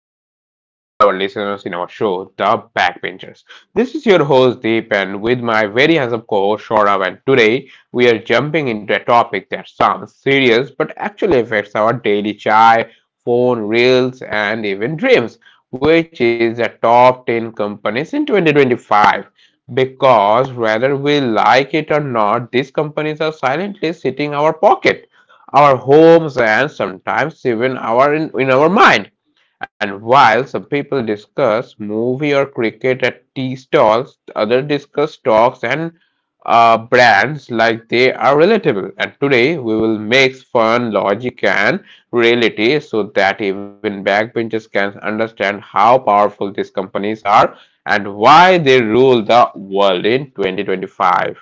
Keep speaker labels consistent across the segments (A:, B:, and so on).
A: welcome back to all our listeners in our show, The Backbenchers. This is your host Deep and with my very handsome co-host Saurav, and today we are jumping into a topic that sounds serious but actually affects our daily chai, phone, reels and even dreams, which is the top 10 companies in 2025. Because whether we like it or not, these companies are silently sitting in our pocket, our homes and sometimes even in our mind. And while some people discuss movie or cricket at tea stalls, others discuss stocks and brands like they are relatable. And today we will mix fun, logic, and reality so that even backbenchers can understand how powerful these companies are and why they rule the world in 2025.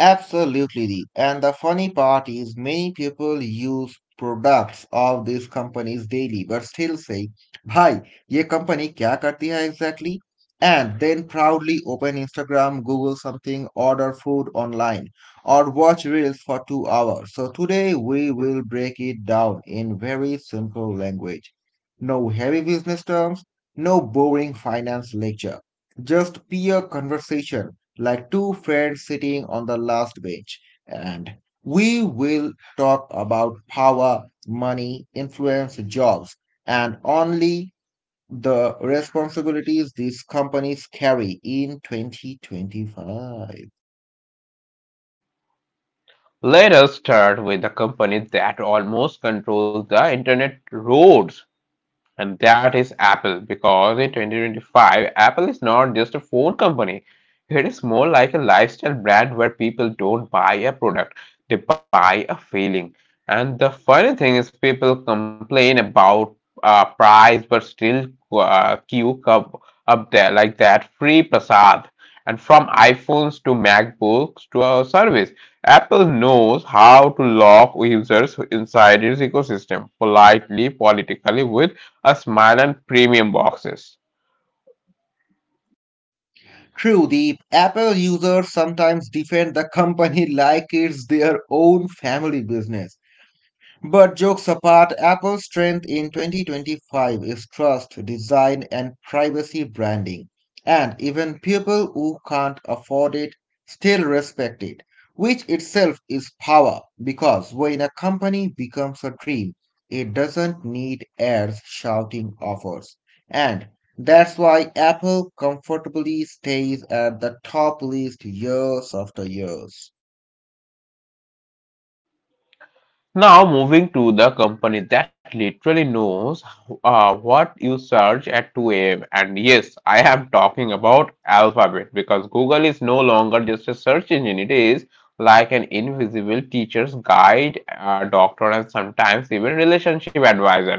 B: Absolutely. And the funny part is many people use products of these companies daily but still say, Bhai, ye company kya karti hai exactly? And then proudly open Instagram, Google something, order food online, or watch reels for 2 hours. So today we will break it down in very simple language. No heavy business terms, no boring finance lecture, just peer conversation like two friends sitting on the last bench, and we will talk about power, money, influence, jobs, and only the responsibilities these companies carry in 2025.
A: Let us start with the company that almost controls the internet roads, and that is Apple, because in 2025, Apple is not just a phone company. It is more like a lifestyle brand where people don't buy a product, they buy a feeling. And the funny thing is, people complain about price, but still uh, queue up, up there like that free prasad. And from iPhones to MacBooks to our service, Apple knows how to lock users inside its ecosystem politely, politically, with us Milan Premium boxes.
B: True, the Apple users sometimes defend the company like it's their own family business. But jokes apart, Apple's strength in 2025 is trust, design, and privacy branding. And even people who can't afford it still respect it, which itself is power because when a company becomes a dream, it doesn't need heirs shouting offers. And that's why Apple comfortably stays at the top list years after years.
A: Now, moving to the company that literally knows what you search at 2 a.m. And yes, I am talking about Alphabet, because Google is no longer just a search engine, it is like an invisible teacher's guide, doctor, and sometimes even relationship advisor.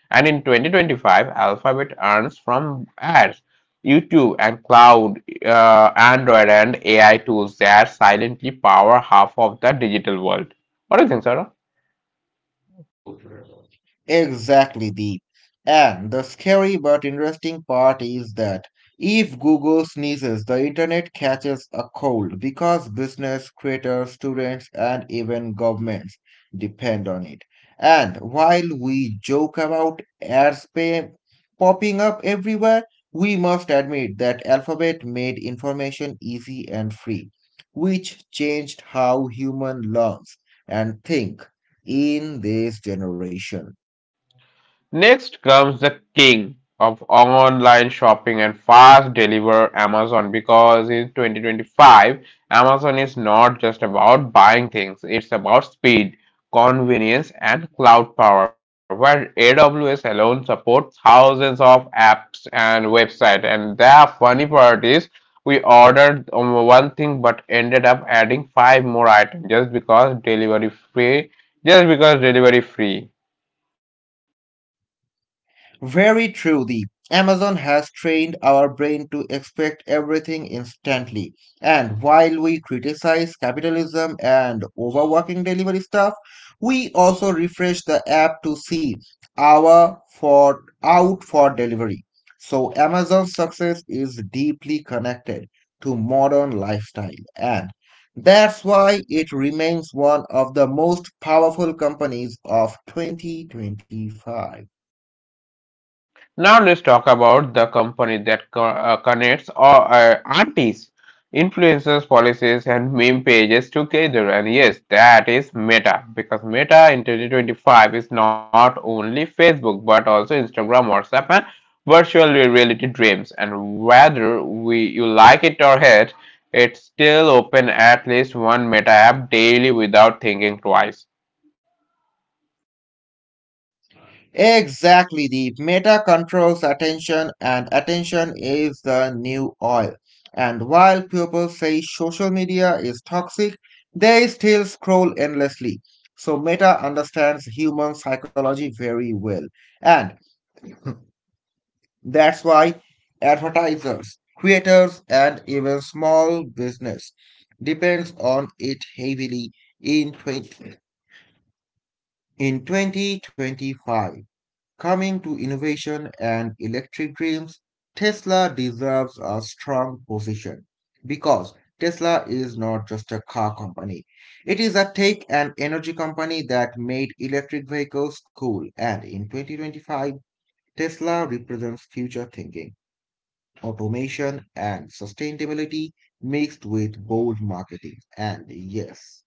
A: And in 2025, Alphabet earns from ads, YouTube and cloud, Android, and AI tools that silently power half of the digital world. What do you think, Sarah?
B: Exactly, Deep. And the scary but interesting part is that if Google sneezes, the internet catches a cold because business, creators, students, and even governments depend on it. And while we joke about ads pay popping up everywhere, we must admit that Alphabet made information easy and free, which changed how human learns and think in this generation.
A: Next comes the king of online shopping and fast delivery, Amazon, because in 2025, Amazon is not just about buying things, it's about speed, convenience, and cloud power, where AWS alone supports thousands of apps and websites. And the funny part is, we ordered one thing but ended up adding five more items just because delivery free, just because delivery free.
B: Very true. The Amazon has trained our brain to expect everything instantly. And while we criticize capitalism and overworking delivery staff, we also refresh the app to see our for out for delivery. So Amazon's success is deeply connected to modern lifestyle and that's why it remains one of the most powerful companies of 2025.
A: Now let's talk about the company that connects all, artists, influencers, policies, and meme pages together. And yes, that is Meta, because Meta in 2025 is not only Facebook but also Instagram, WhatsApp, and virtual reality dreams. And whether we you like it or hate, it's still open at least one Meta app daily without thinking twice.
B: Exactly, the meta controls attention, and attention is the new oil. And while people say social media is toxic, they still scroll endlessly. So, meta understands human psychology very well. And that's why advertisers, creators, and even small business depends on it heavily in 20, in 2025. Coming to innovation and electric dreams, Tesla deserves a strong position because Tesla is not just a car company. It is a tech and energy company that made electric vehicles cool. And in 2025, Tesla represents future thinking, automation, and sustainability mixed with bold marketing. And yes,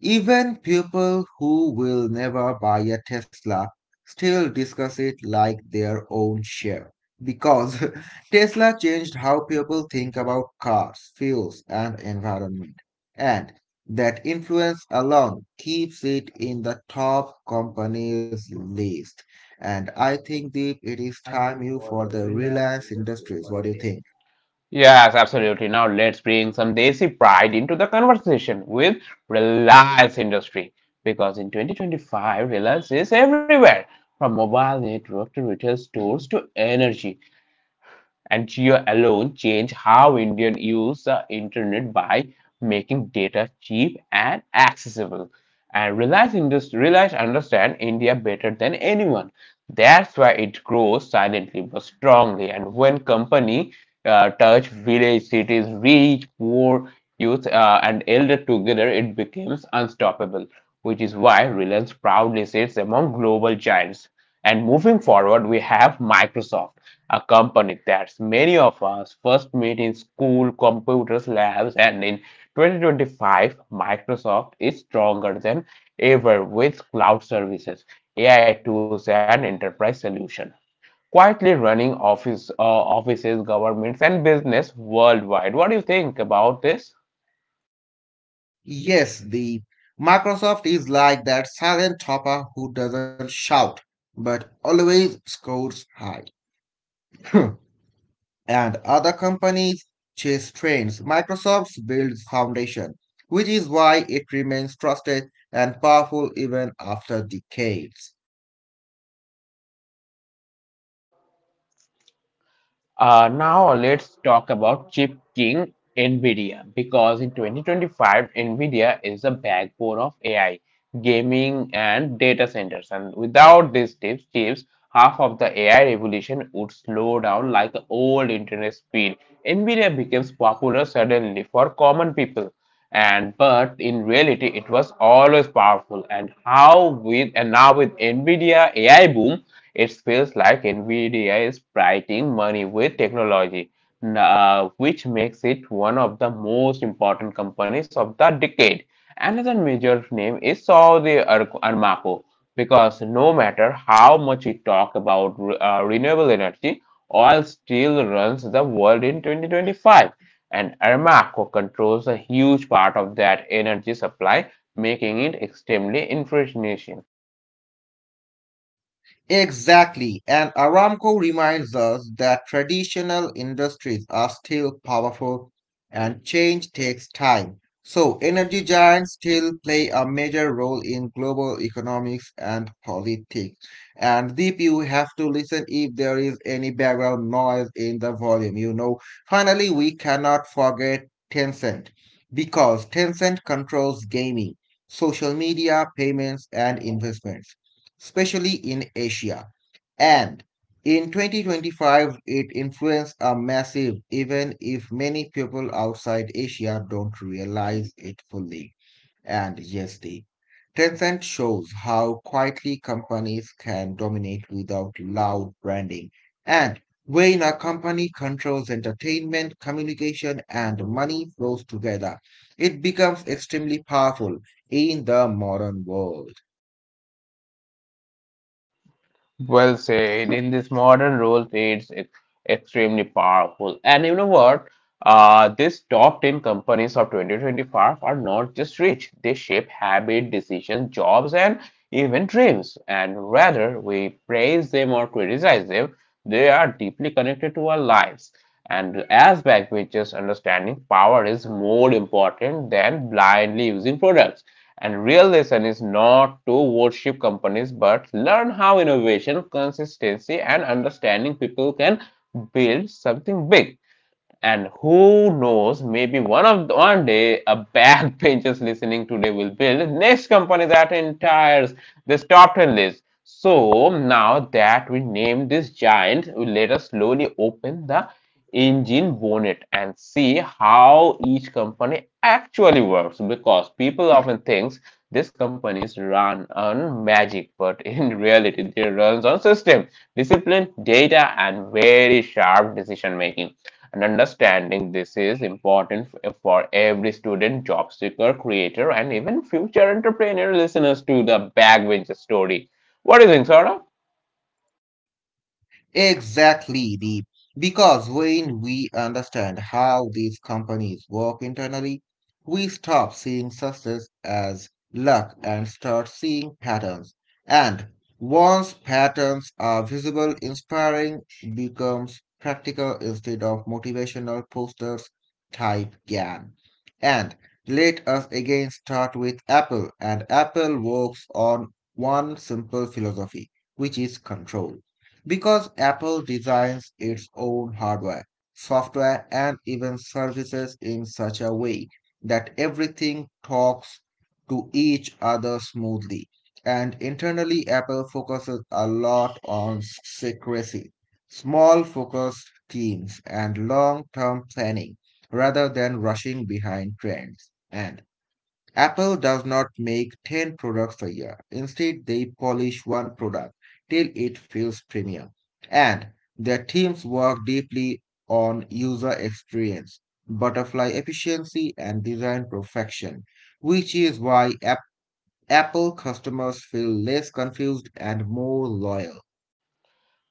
B: even people who will never buy a Tesla still discuss it like their own share because Tesla changed how people think about cars, fuels, and environment. And that influence alone keeps it in the top companies list. And I think, Deep, it is time you for the Reliance Industries. What do you think?
A: Yes, absolutely. Now let's bring some Desi pride into the conversation with Reliance Industry, because in 2025, Reliance is everywhere from mobile network to retail stores to energy, and Jio alone changed how Indians use the internet by making data cheap and accessible. And Reliance understand India better than anyone. That's why it grows silently but strongly. And when company touch village, cities, rich, poor, youth, and elder together, it becomes unstoppable. Which is why Reliance proudly sits among global giants. And moving forward, we have Microsoft, a company that many of us first meet in school, computers, labs, and in 2025, Microsoft is stronger than ever with cloud services, AI tools, and enterprise solutions, quietly running offices, governments, and business worldwide. What do you think about this?
B: Yes, the Microsoft is like that silent topper who doesn't shout but always scores high. and other companies chase trends. Microsoft builds foundation, which is why it remains trusted and powerful even after decades.
A: Now let's talk about chip king NVIDIA, because in 2025 NVIDIA is the backbone of AI, gaming and data centers, and without these chips half of the AI revolution would slow down like the old internet speed. NVIDIA becomes popular suddenly for common people and but in reality it was always powerful, and how with and now with NVIDIA AI boom it feels like Nvidia is printing money with technology, which makes it one of the most important companies of the decade. Another major name is Saudi Armaco, because no matter how much we talk about renewable energy, oil still runs the world in 2025, and Armaco controls a huge part of that energy supply, making it extremely influential.
B: Exactly. And Aramco reminds us that traditional industries are still powerful and change takes time. So, energy giants still play a major role in global economics and politics. And Deep, you have to listen if there is any background noise in the volume, you know. Finally, we cannot forget Tencent because Tencent controls gaming, social media, payments, and investments especially in Asia. And in 2025, it influenced are massive, even if many people outside Asia don't realize it fully. And yes, the Tencent shows how quietly companies can dominate without loud branding. And when a company controls entertainment, communication, and money flows together, it becomes extremely powerful in the modern world.
A: Well said. In this modern rules, it's extremely powerful. And you know what? These top 10 companies of 2025 are not just rich, they shape habit, decisions, jobs, and even dreams. And whether we praise them or criticize them, they are deeply connected to our lives. And as backbenchers, understanding power is more important than blindly using products. And real lesson is not to worship companies, but learn how innovation, consistency, and understanding people can build something big. And who knows, maybe one day a backbenchers listening today will build next company that entires this top 10 list. So now that we named this giant, let us slowly open the engine bonnet and see how each company actually works, because people often think these companies run on magic, but in reality, they runs on system, discipline, data, and very sharp decision making. And understanding this is important for every student, job seeker, creator, and even future entrepreneur listeners to the Backbencher story. What do you think, Saurabh?
B: Exactly, Deep. Because when we understand how these companies work internally, we stop seeing success as luck and start seeing patterns. And once patterns are visible, inspiring becomes practical instead of motivational posters type GAN. And let us again start with Apple, and Apple works on one simple philosophy, which is control. Because Apple designs its own hardware, software, and even services in such a way that everything talks to each other smoothly. And internally, Apple focuses a lot on secrecy, small focused teams, and long term planning rather than rushing behind trends. And Apple does not make 10 products a year. Instead, they polish one product till it feels premium. And their teams work deeply on user experience, butterfly efficiency, and design perfection, which is why Apple customers feel less confused and more loyal.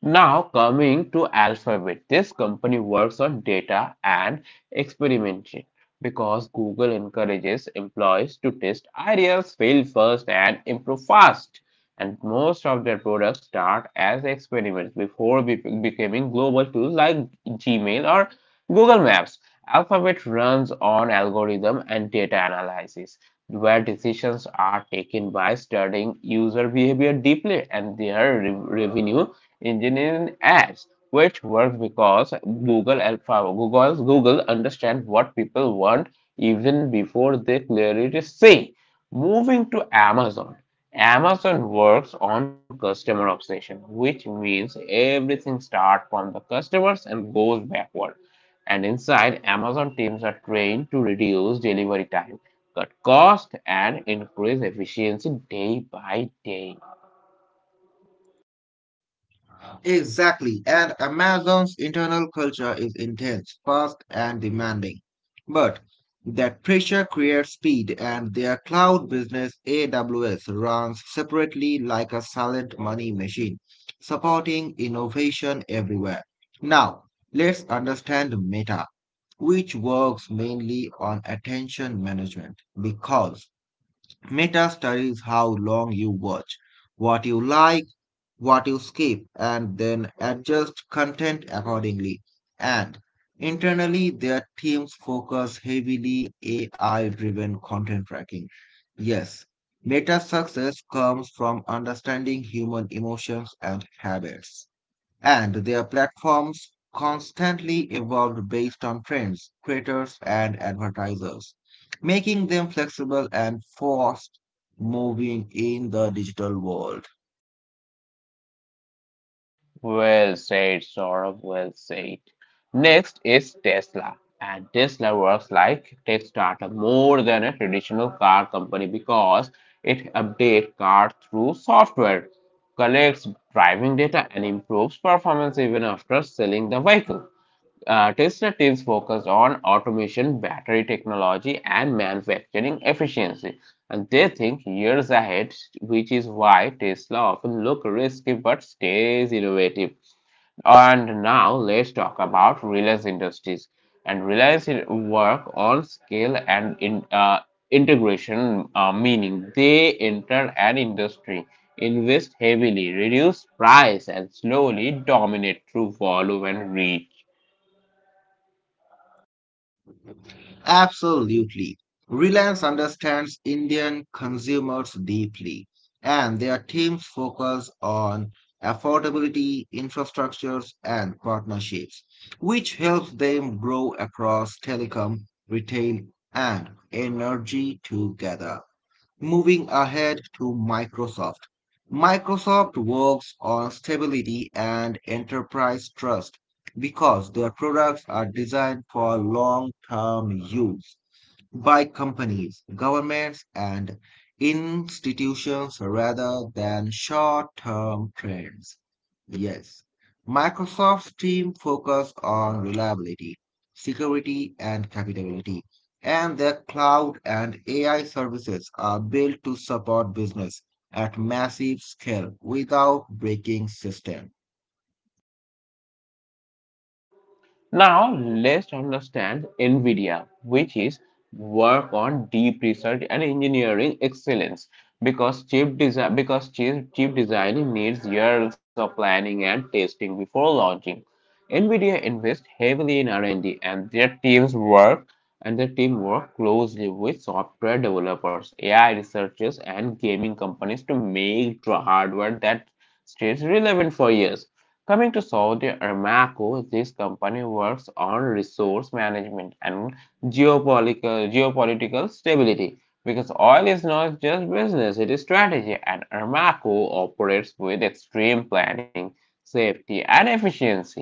A: Now coming to Alphabet, this company works on data and experimentation, because Google encourages employees to test ideas, fail first, and improve fast. And most of their products start as experiments before becoming global tools like Gmail or Google Maps. Alphabet runs on algorithm and data analysis, where decisions are taken by studying user behavior deeply, and their revenue engineering ads, which works because Google understands what people want even before they clearly say. Moving to Amazon. Amazon works on customer obsession, which means everything starts from the customers and goes backward. And inside, Amazon teams are trained to reduce delivery time, cut cost, and increase efficiency day by day.
B: Exactly, and Amazon's internal culture is intense, fast, and demanding. But that pressure creates speed, and their cloud business, AWS, runs separately like a silent money machine, supporting innovation everywhere. Now, let's understand Meta, which works mainly on attention management, because Meta studies how long you watch, what you like what you skip and then adjust content accordingly. And internally, their teams focus heavily AI driven content tracking. Yes, Meta's success comes from understanding human emotions and habits. And their platforms constantly evolved based on trends, creators, and advertisers, making them flexible and fast moving in the digital world.
A: Well said, Saurabh, well said. Next is Tesla. And Tesla works like tech startup more than a traditional car company, because it updates cars through software, collects driving data, and improves performance even after selling the vehicle. Tesla teams focus on automation, battery technology, and manufacturing efficiency. And they think years ahead, which is why Tesla often look risky but stays innovative. And now let's talk about Reliance Industries, and Reliance work on scale and integration, meaning they enter an industry, invest heavily, reduce price, and slowly dominate through volume and reach.
B: Absolutely. Reliance understands Indian consumers deeply, and their teams focus on affordability, infrastructures, and partnerships, which helps them grow across telecom, retail, and energy together moving ahead to Microsoft. Microsoft works on stability and enterprise trust because their products are designed for long term use by companies, governments, and institutions rather than short term trends. Yes, Microsoft's team focus on reliability, security, and capability, and their cloud and AI services are built to support business at massive scale without breaking systems.
A: Now let's understand NVIDIA, which is work on deep research and engineering excellence, because chip design needs years of planning and testing before launching. NVIDIA invests heavily in R&D and D, and their team work closely with software developers, AI researchers and gaming companies to make hardware that stays relevant for years. Coming to Saudi Aramco, this company works on resource management and geopolitical stability, because oil is not just business, it is strategy, and Aramco operates with extreme planning, safety, and efficiency.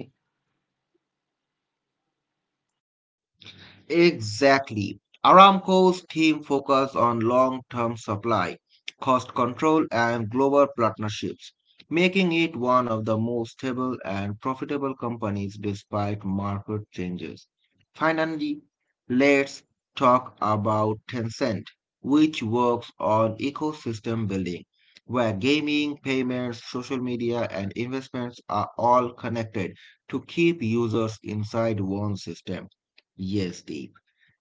B: Exactly. Aramco's theme focus on long-term supply, cost control, and global partnerships, making it one of the most stable and profitable companies despite market changes. Finally, let's talk about Tencent, which works on ecosystem building, where gaming, payments, social media, and investments are all connected to keep users inside one system. Yes, Deep.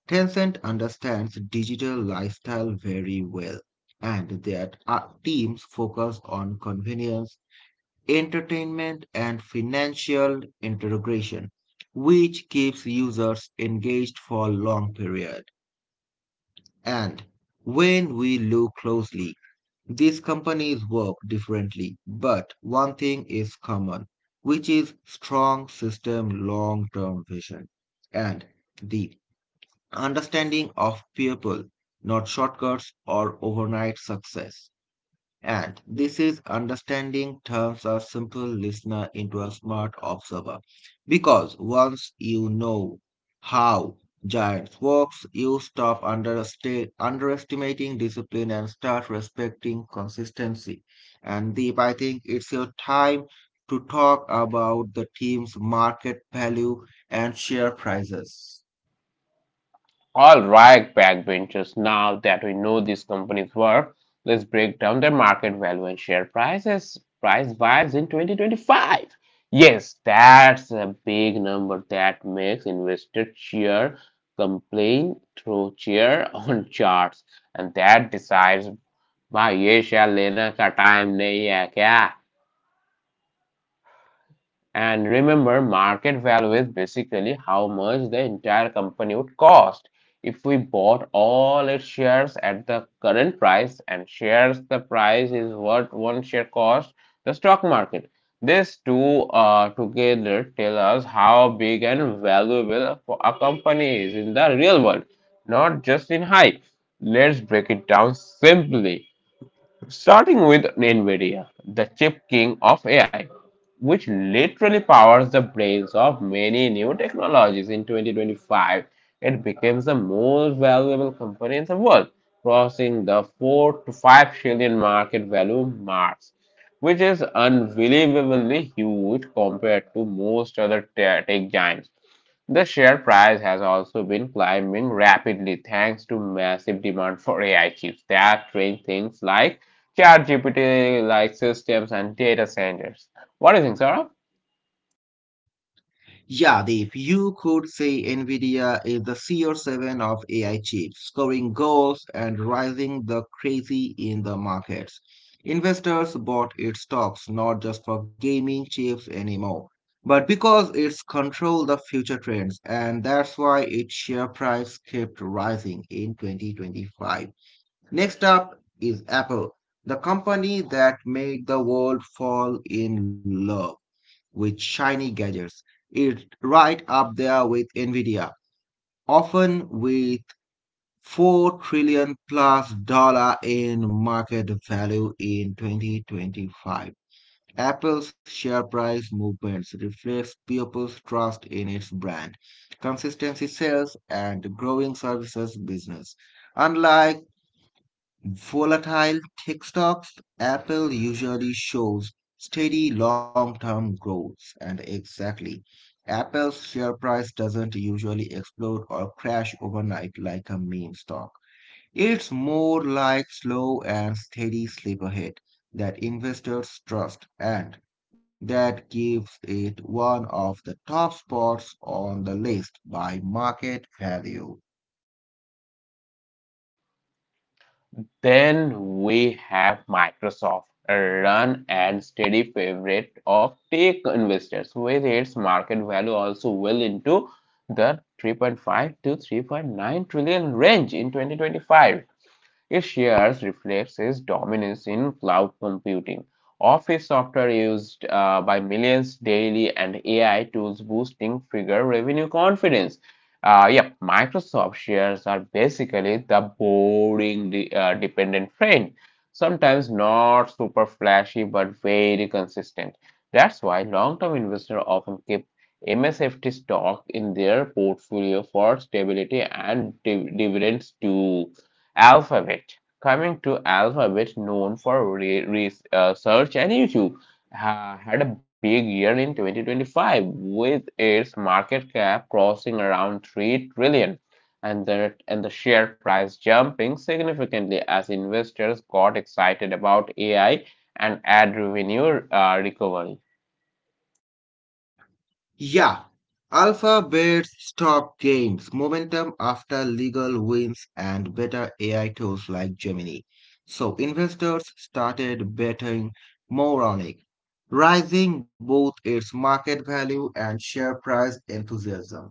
B: Tencent understands digital lifestyle very well, and their teams focus on convenience, entertainment, and financial integration, which keeps users engaged for a long period. And when we look closely, these companies work differently, but one thing is common, which is strong system long-term vision. And the understanding of people, not shortcuts or overnight success. And this is understanding turns a simple listener into a smart observer. Because once you know how giants works, you stop underestimating discipline and start respecting consistency. And Deep, I think it's your time to talk about the team's market value and share prices.
A: All right, backbenchers, now that we know these companies work, let's break down their market value and share prices, price wise in 2025. Yes, that's a big number that makes investors cheer, complain through cheer on charts, and that decides भाई ye share लेने ka time nahi hai kya? And remember, market value is basically how much the entire company would cost if we bought all its shares at the current price, and shares the price is what one share cost the stock market. These two together tell us how big and valuable a company is in the real world, not just in hype. Let's break it down simply. Starting with NVIDIA, the chip king of AI, which literally powers the brains of many new technologies in 2025, it became the most valuable company in the world, crossing the 4 to 5 trillion market value mark, which is unbelievably huge compared to most other tech giants. The share price has also been climbing rapidly thanks to massive demand for AI chips that train things like ChatGPT like systems and data centers. What do you think, Sarah?
B: Yeah, Deep, you could say Nvidia is the CR7 of AI chips, scoring goals and rising the crazy in the markets. Investors bought its stocks not just for gaming chips anymore, but because it's control the future trends, and that's why its share price kept rising in 2025. Next up is Apple, the company that made the world fall in love with shiny gadgets. It's right up there with Nvidia, often with 4 trillion plus dollar in market value in 2025. Apple's share price movements reflects people's trust in its brand, consistency sales, and growing services business. Unlike volatile tech stocks, Apple usually shows steady long-term growth, and exactly, Apple's share price doesn't usually explode or crash overnight like a meme stock. It's more like slow and steady sleeperhead that investors trust and that gives it one of the top spots on the list by market value.
A: Then we have Microsoft, a run and steady favorite of tech investors, with its market value also well into the 3.5 to 3.9 trillion range in 2025. It shares reflects its dominance in cloud computing, office software used by millions daily, and AI tools boosting figure revenue confidence. Yep, Microsoft shares are basically the boring dependent friend. Sometimes not super flashy but very consistent. That's why long-term investors often keep MSFT stock in their portfolio for stability and dividends too. Alphabet. Coming to Alphabet, known for research and YouTube, had a big year in 2025 with its market cap crossing around 3 trillion dollars, and the share price jumping significantly as investors got excited about AI and ad revenue recovery.
B: Yeah, Alpha bets gains momentum after legal wins, and better AI tools like Gemini. So investors started betting more on it, rising both its market value and share price enthusiasm.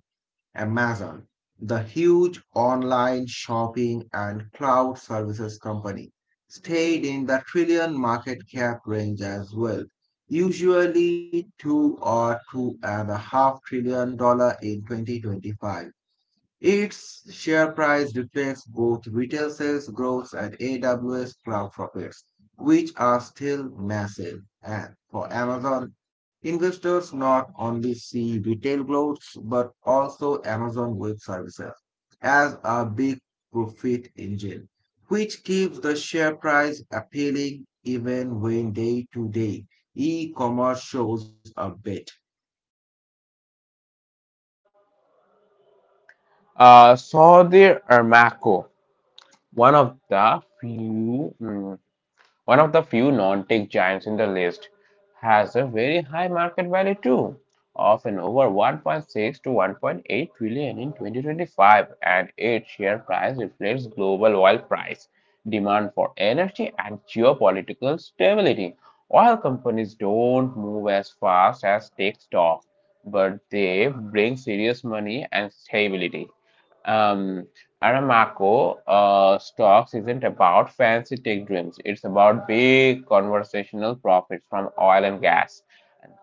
B: Amazon, the huge online shopping and cloud services company, stayed in the trillion market cap range as well, usually two or two and a half trillion dollar in 2025. Its share price reflects both retail sales growth and AWS cloud profits, which are still massive. And for Amazon, investors not only see retail growth but also Amazon Web Services as a big profit engine, which keeps the share price appealing even when day-to-day e-commerce shows a bit.
A: Saudi Aramco, one of the few mm, one of the few non-tech giants in the list, has a very high market value too, often over 1.6 to 1.8 trillion in 2025, and its share price reflects global oil price, demand for energy, and geopolitical stability. Oil companies don't move as fast as tech stocks, but they bring serious money and stability. Um, Aramco stocks isn't about fancy tech dreams. It's about big conversational profits from oil and gas.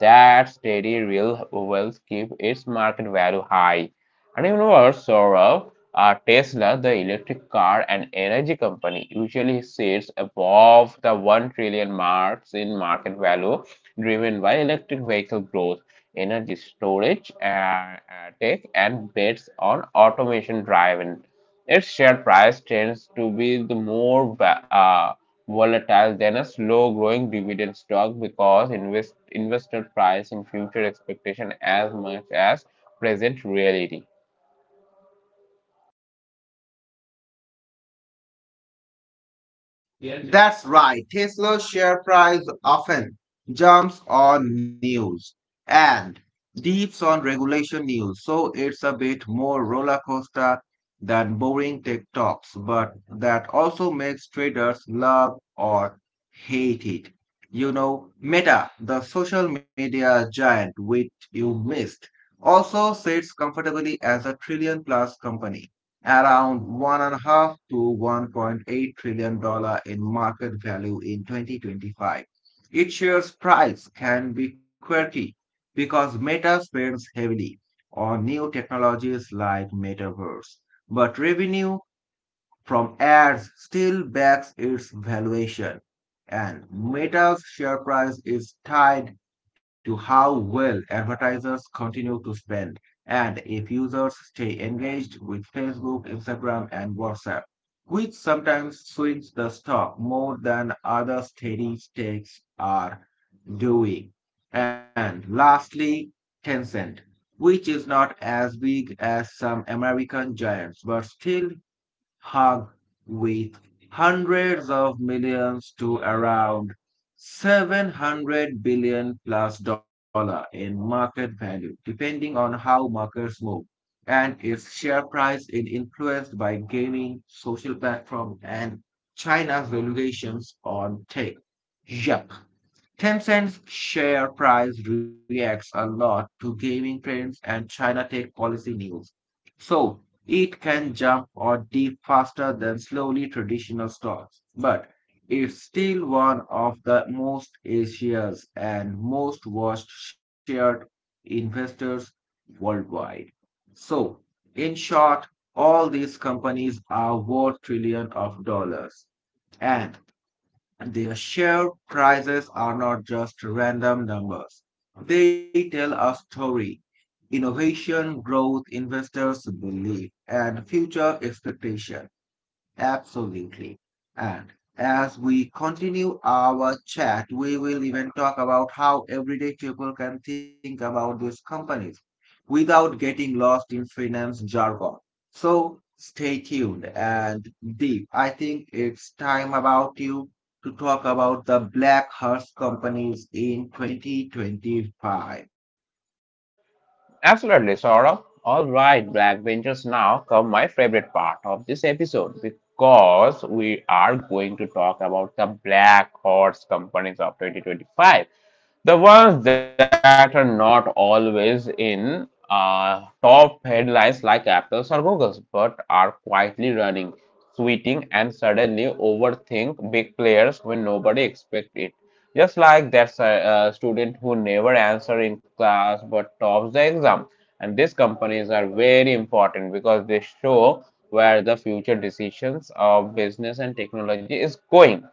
A: That steady real wealth keep its market value high. And even worse, Saurabh, Tesla, the electric car and energy company, usually sits above the 1 trillion marks in market value, driven by electric vehicle growth, energy storage, tech, and bets on automation driven, its share price tends to be the more volatile than a slow-growing dividend stock, because investor price in future expectation as much as present reality.
B: That's right. Tesla's share price often jumps on news and dips on regulation news, so it's a bit more roller coaster than boring tech talks, but that also makes traders love or hate it. You know, Meta, the social media giant which you missed, also sits comfortably as a trillion plus company around $1.5 to $1.8 trillion dollar in market value in 2025. Its shares price can be quirky because Meta spends heavily on new technologies like metaverse, but revenue from ads still backs its valuation, and Meta's share price is tied to how well advertisers continue to spend and if users stay engaged with Facebook, Instagram, and WhatsApp, which sometimes swings the stock more than other steady stakes are doing. And lastly, Tencent, which is not as big as some American giants but still hug with hundreds of millions to around 700 billion plus dollar in market value, depending on how markets move. And its share price is influenced by gaming, social platforms and China's regulations on tech. Yep. Tencent's share price reacts a lot to gaming trends and China tech policy news. So it can jump or dip faster than slowly traditional stocks. But it's still one of the most Asia's and most watched shared investors worldwide. So in short, all these companies are worth trillions of dollars. And their share prices are not just random numbers. They tell a story. Innovation, growth, investors' belief, and future expectation. Absolutely. And as we continue our chat, we will even talk about how everyday people can think about these companies without getting lost in finance jargon. So stay tuned and deep. I think it's time about you to talk about the black horse companies in 2025.
A: Absolutely, Saurabh. All right, Blackbenchers, now come my favorite part of this episode, because we are going to talk about the black horse companies of 2025. The ones that are not always in top headlines like Apple's or Google's, but are quietly running, tweeting, and suddenly overthink big players when nobody expects it. Just like that student who never answers in class but tops the exam. And these companies are very important because they show where the future decisions of business and technology is going.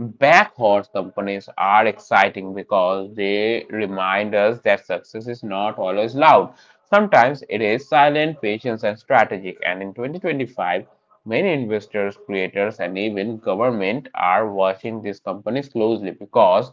A: Backhorse companies are exciting because they remind us that success is not always loud. Sometimes it is silent, patient, and strategic. And in 2025, many investors, creators, and even government are watching these companies closely because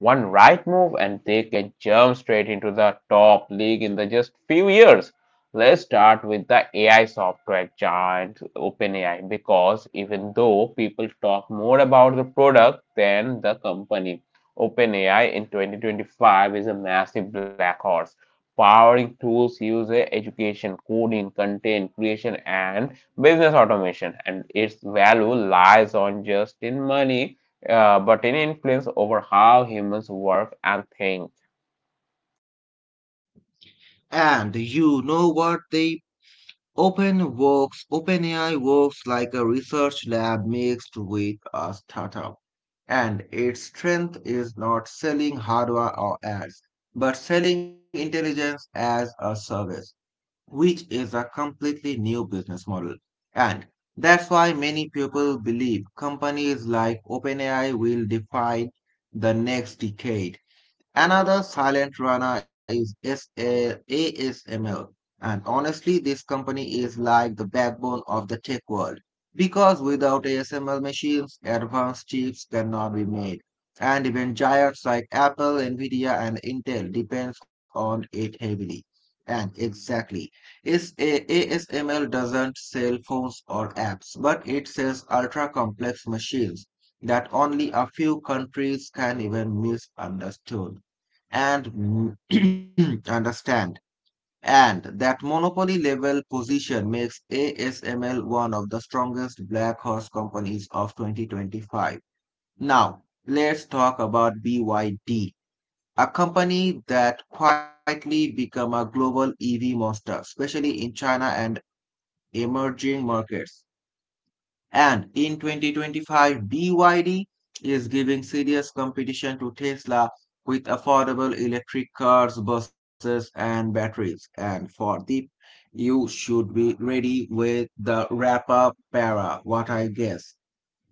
A: one right move and they can jump straight into the top league in the just few years. Let's start with the AI software giant OpenAI, because even though people talk more about the product than the company, OpenAI in 2025 is a massive black horse powering tools used in education, coding, content creation, and business automation. And its value lies on just in money, but in influence over how humans work and think.
B: And you know what Deep. OpenAI works like a research lab mixed with a startup, and its strength is not selling hardware or ads, but selling intelligence as a service, which is a completely new business model. And that's why many people believe companies like OpenAI will define the next decade. Another silent runner is SA ASML. And honestly, this company is like the backbone of the tech world because without ASML machines, advanced chips cannot be made. And even giants like Apple, Nvidia, and Intel depends on it heavily. And exactly, SA ASML doesn't sell phones or apps, but it sells ultra complex machines that only a few countries can even misunderstand and understand. And that monopoly level position makes ASML one of the strongest black horse companies of 2025. Now, let's talk about BYD, a company that quietly become a global EV monster, especially in China and emerging markets. And in 2025, BYD is giving serious competition to Tesla with affordable electric cars, buses, and batteries. And for the you should be ready with the wrap-up para, what I guess.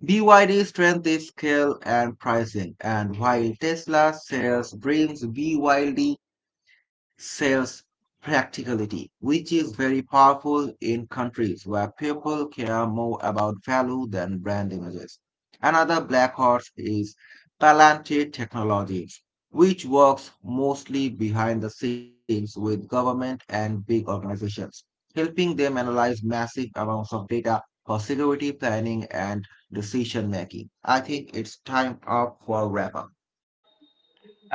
B: BYD's strength is scale and pricing, and while Tesla sells dreams, BYD sales practicality, which is very powerful in countries where people care more about value than brand images. Another black horse is Palantir Technologies, which works mostly behind the scenes with government and big organizations, helping them analyze massive amounts of data for security planning and decision making. I think it's time up for a wrap up.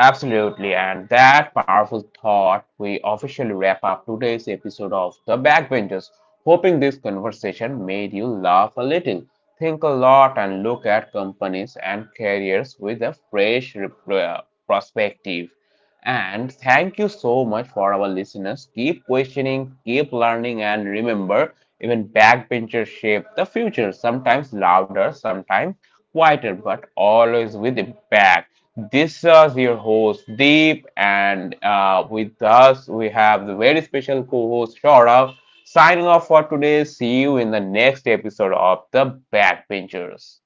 A: Absolutely, and that powerful thought, we officially wrap up today's episode of The Backbenchers. Hoping this conversation made you laugh a little, think a lot, and look at companies and careers with a fresh perspective. And thank you so much for our listeners. Keep questioning, keep learning, and remember, even backbenchers shape the future, sometimes louder, sometimes quieter but always with impact. This is your host Deep, and with us we have the very special co-host Shaurav. Signing off for today. See you in the next episode of the Backbenchers.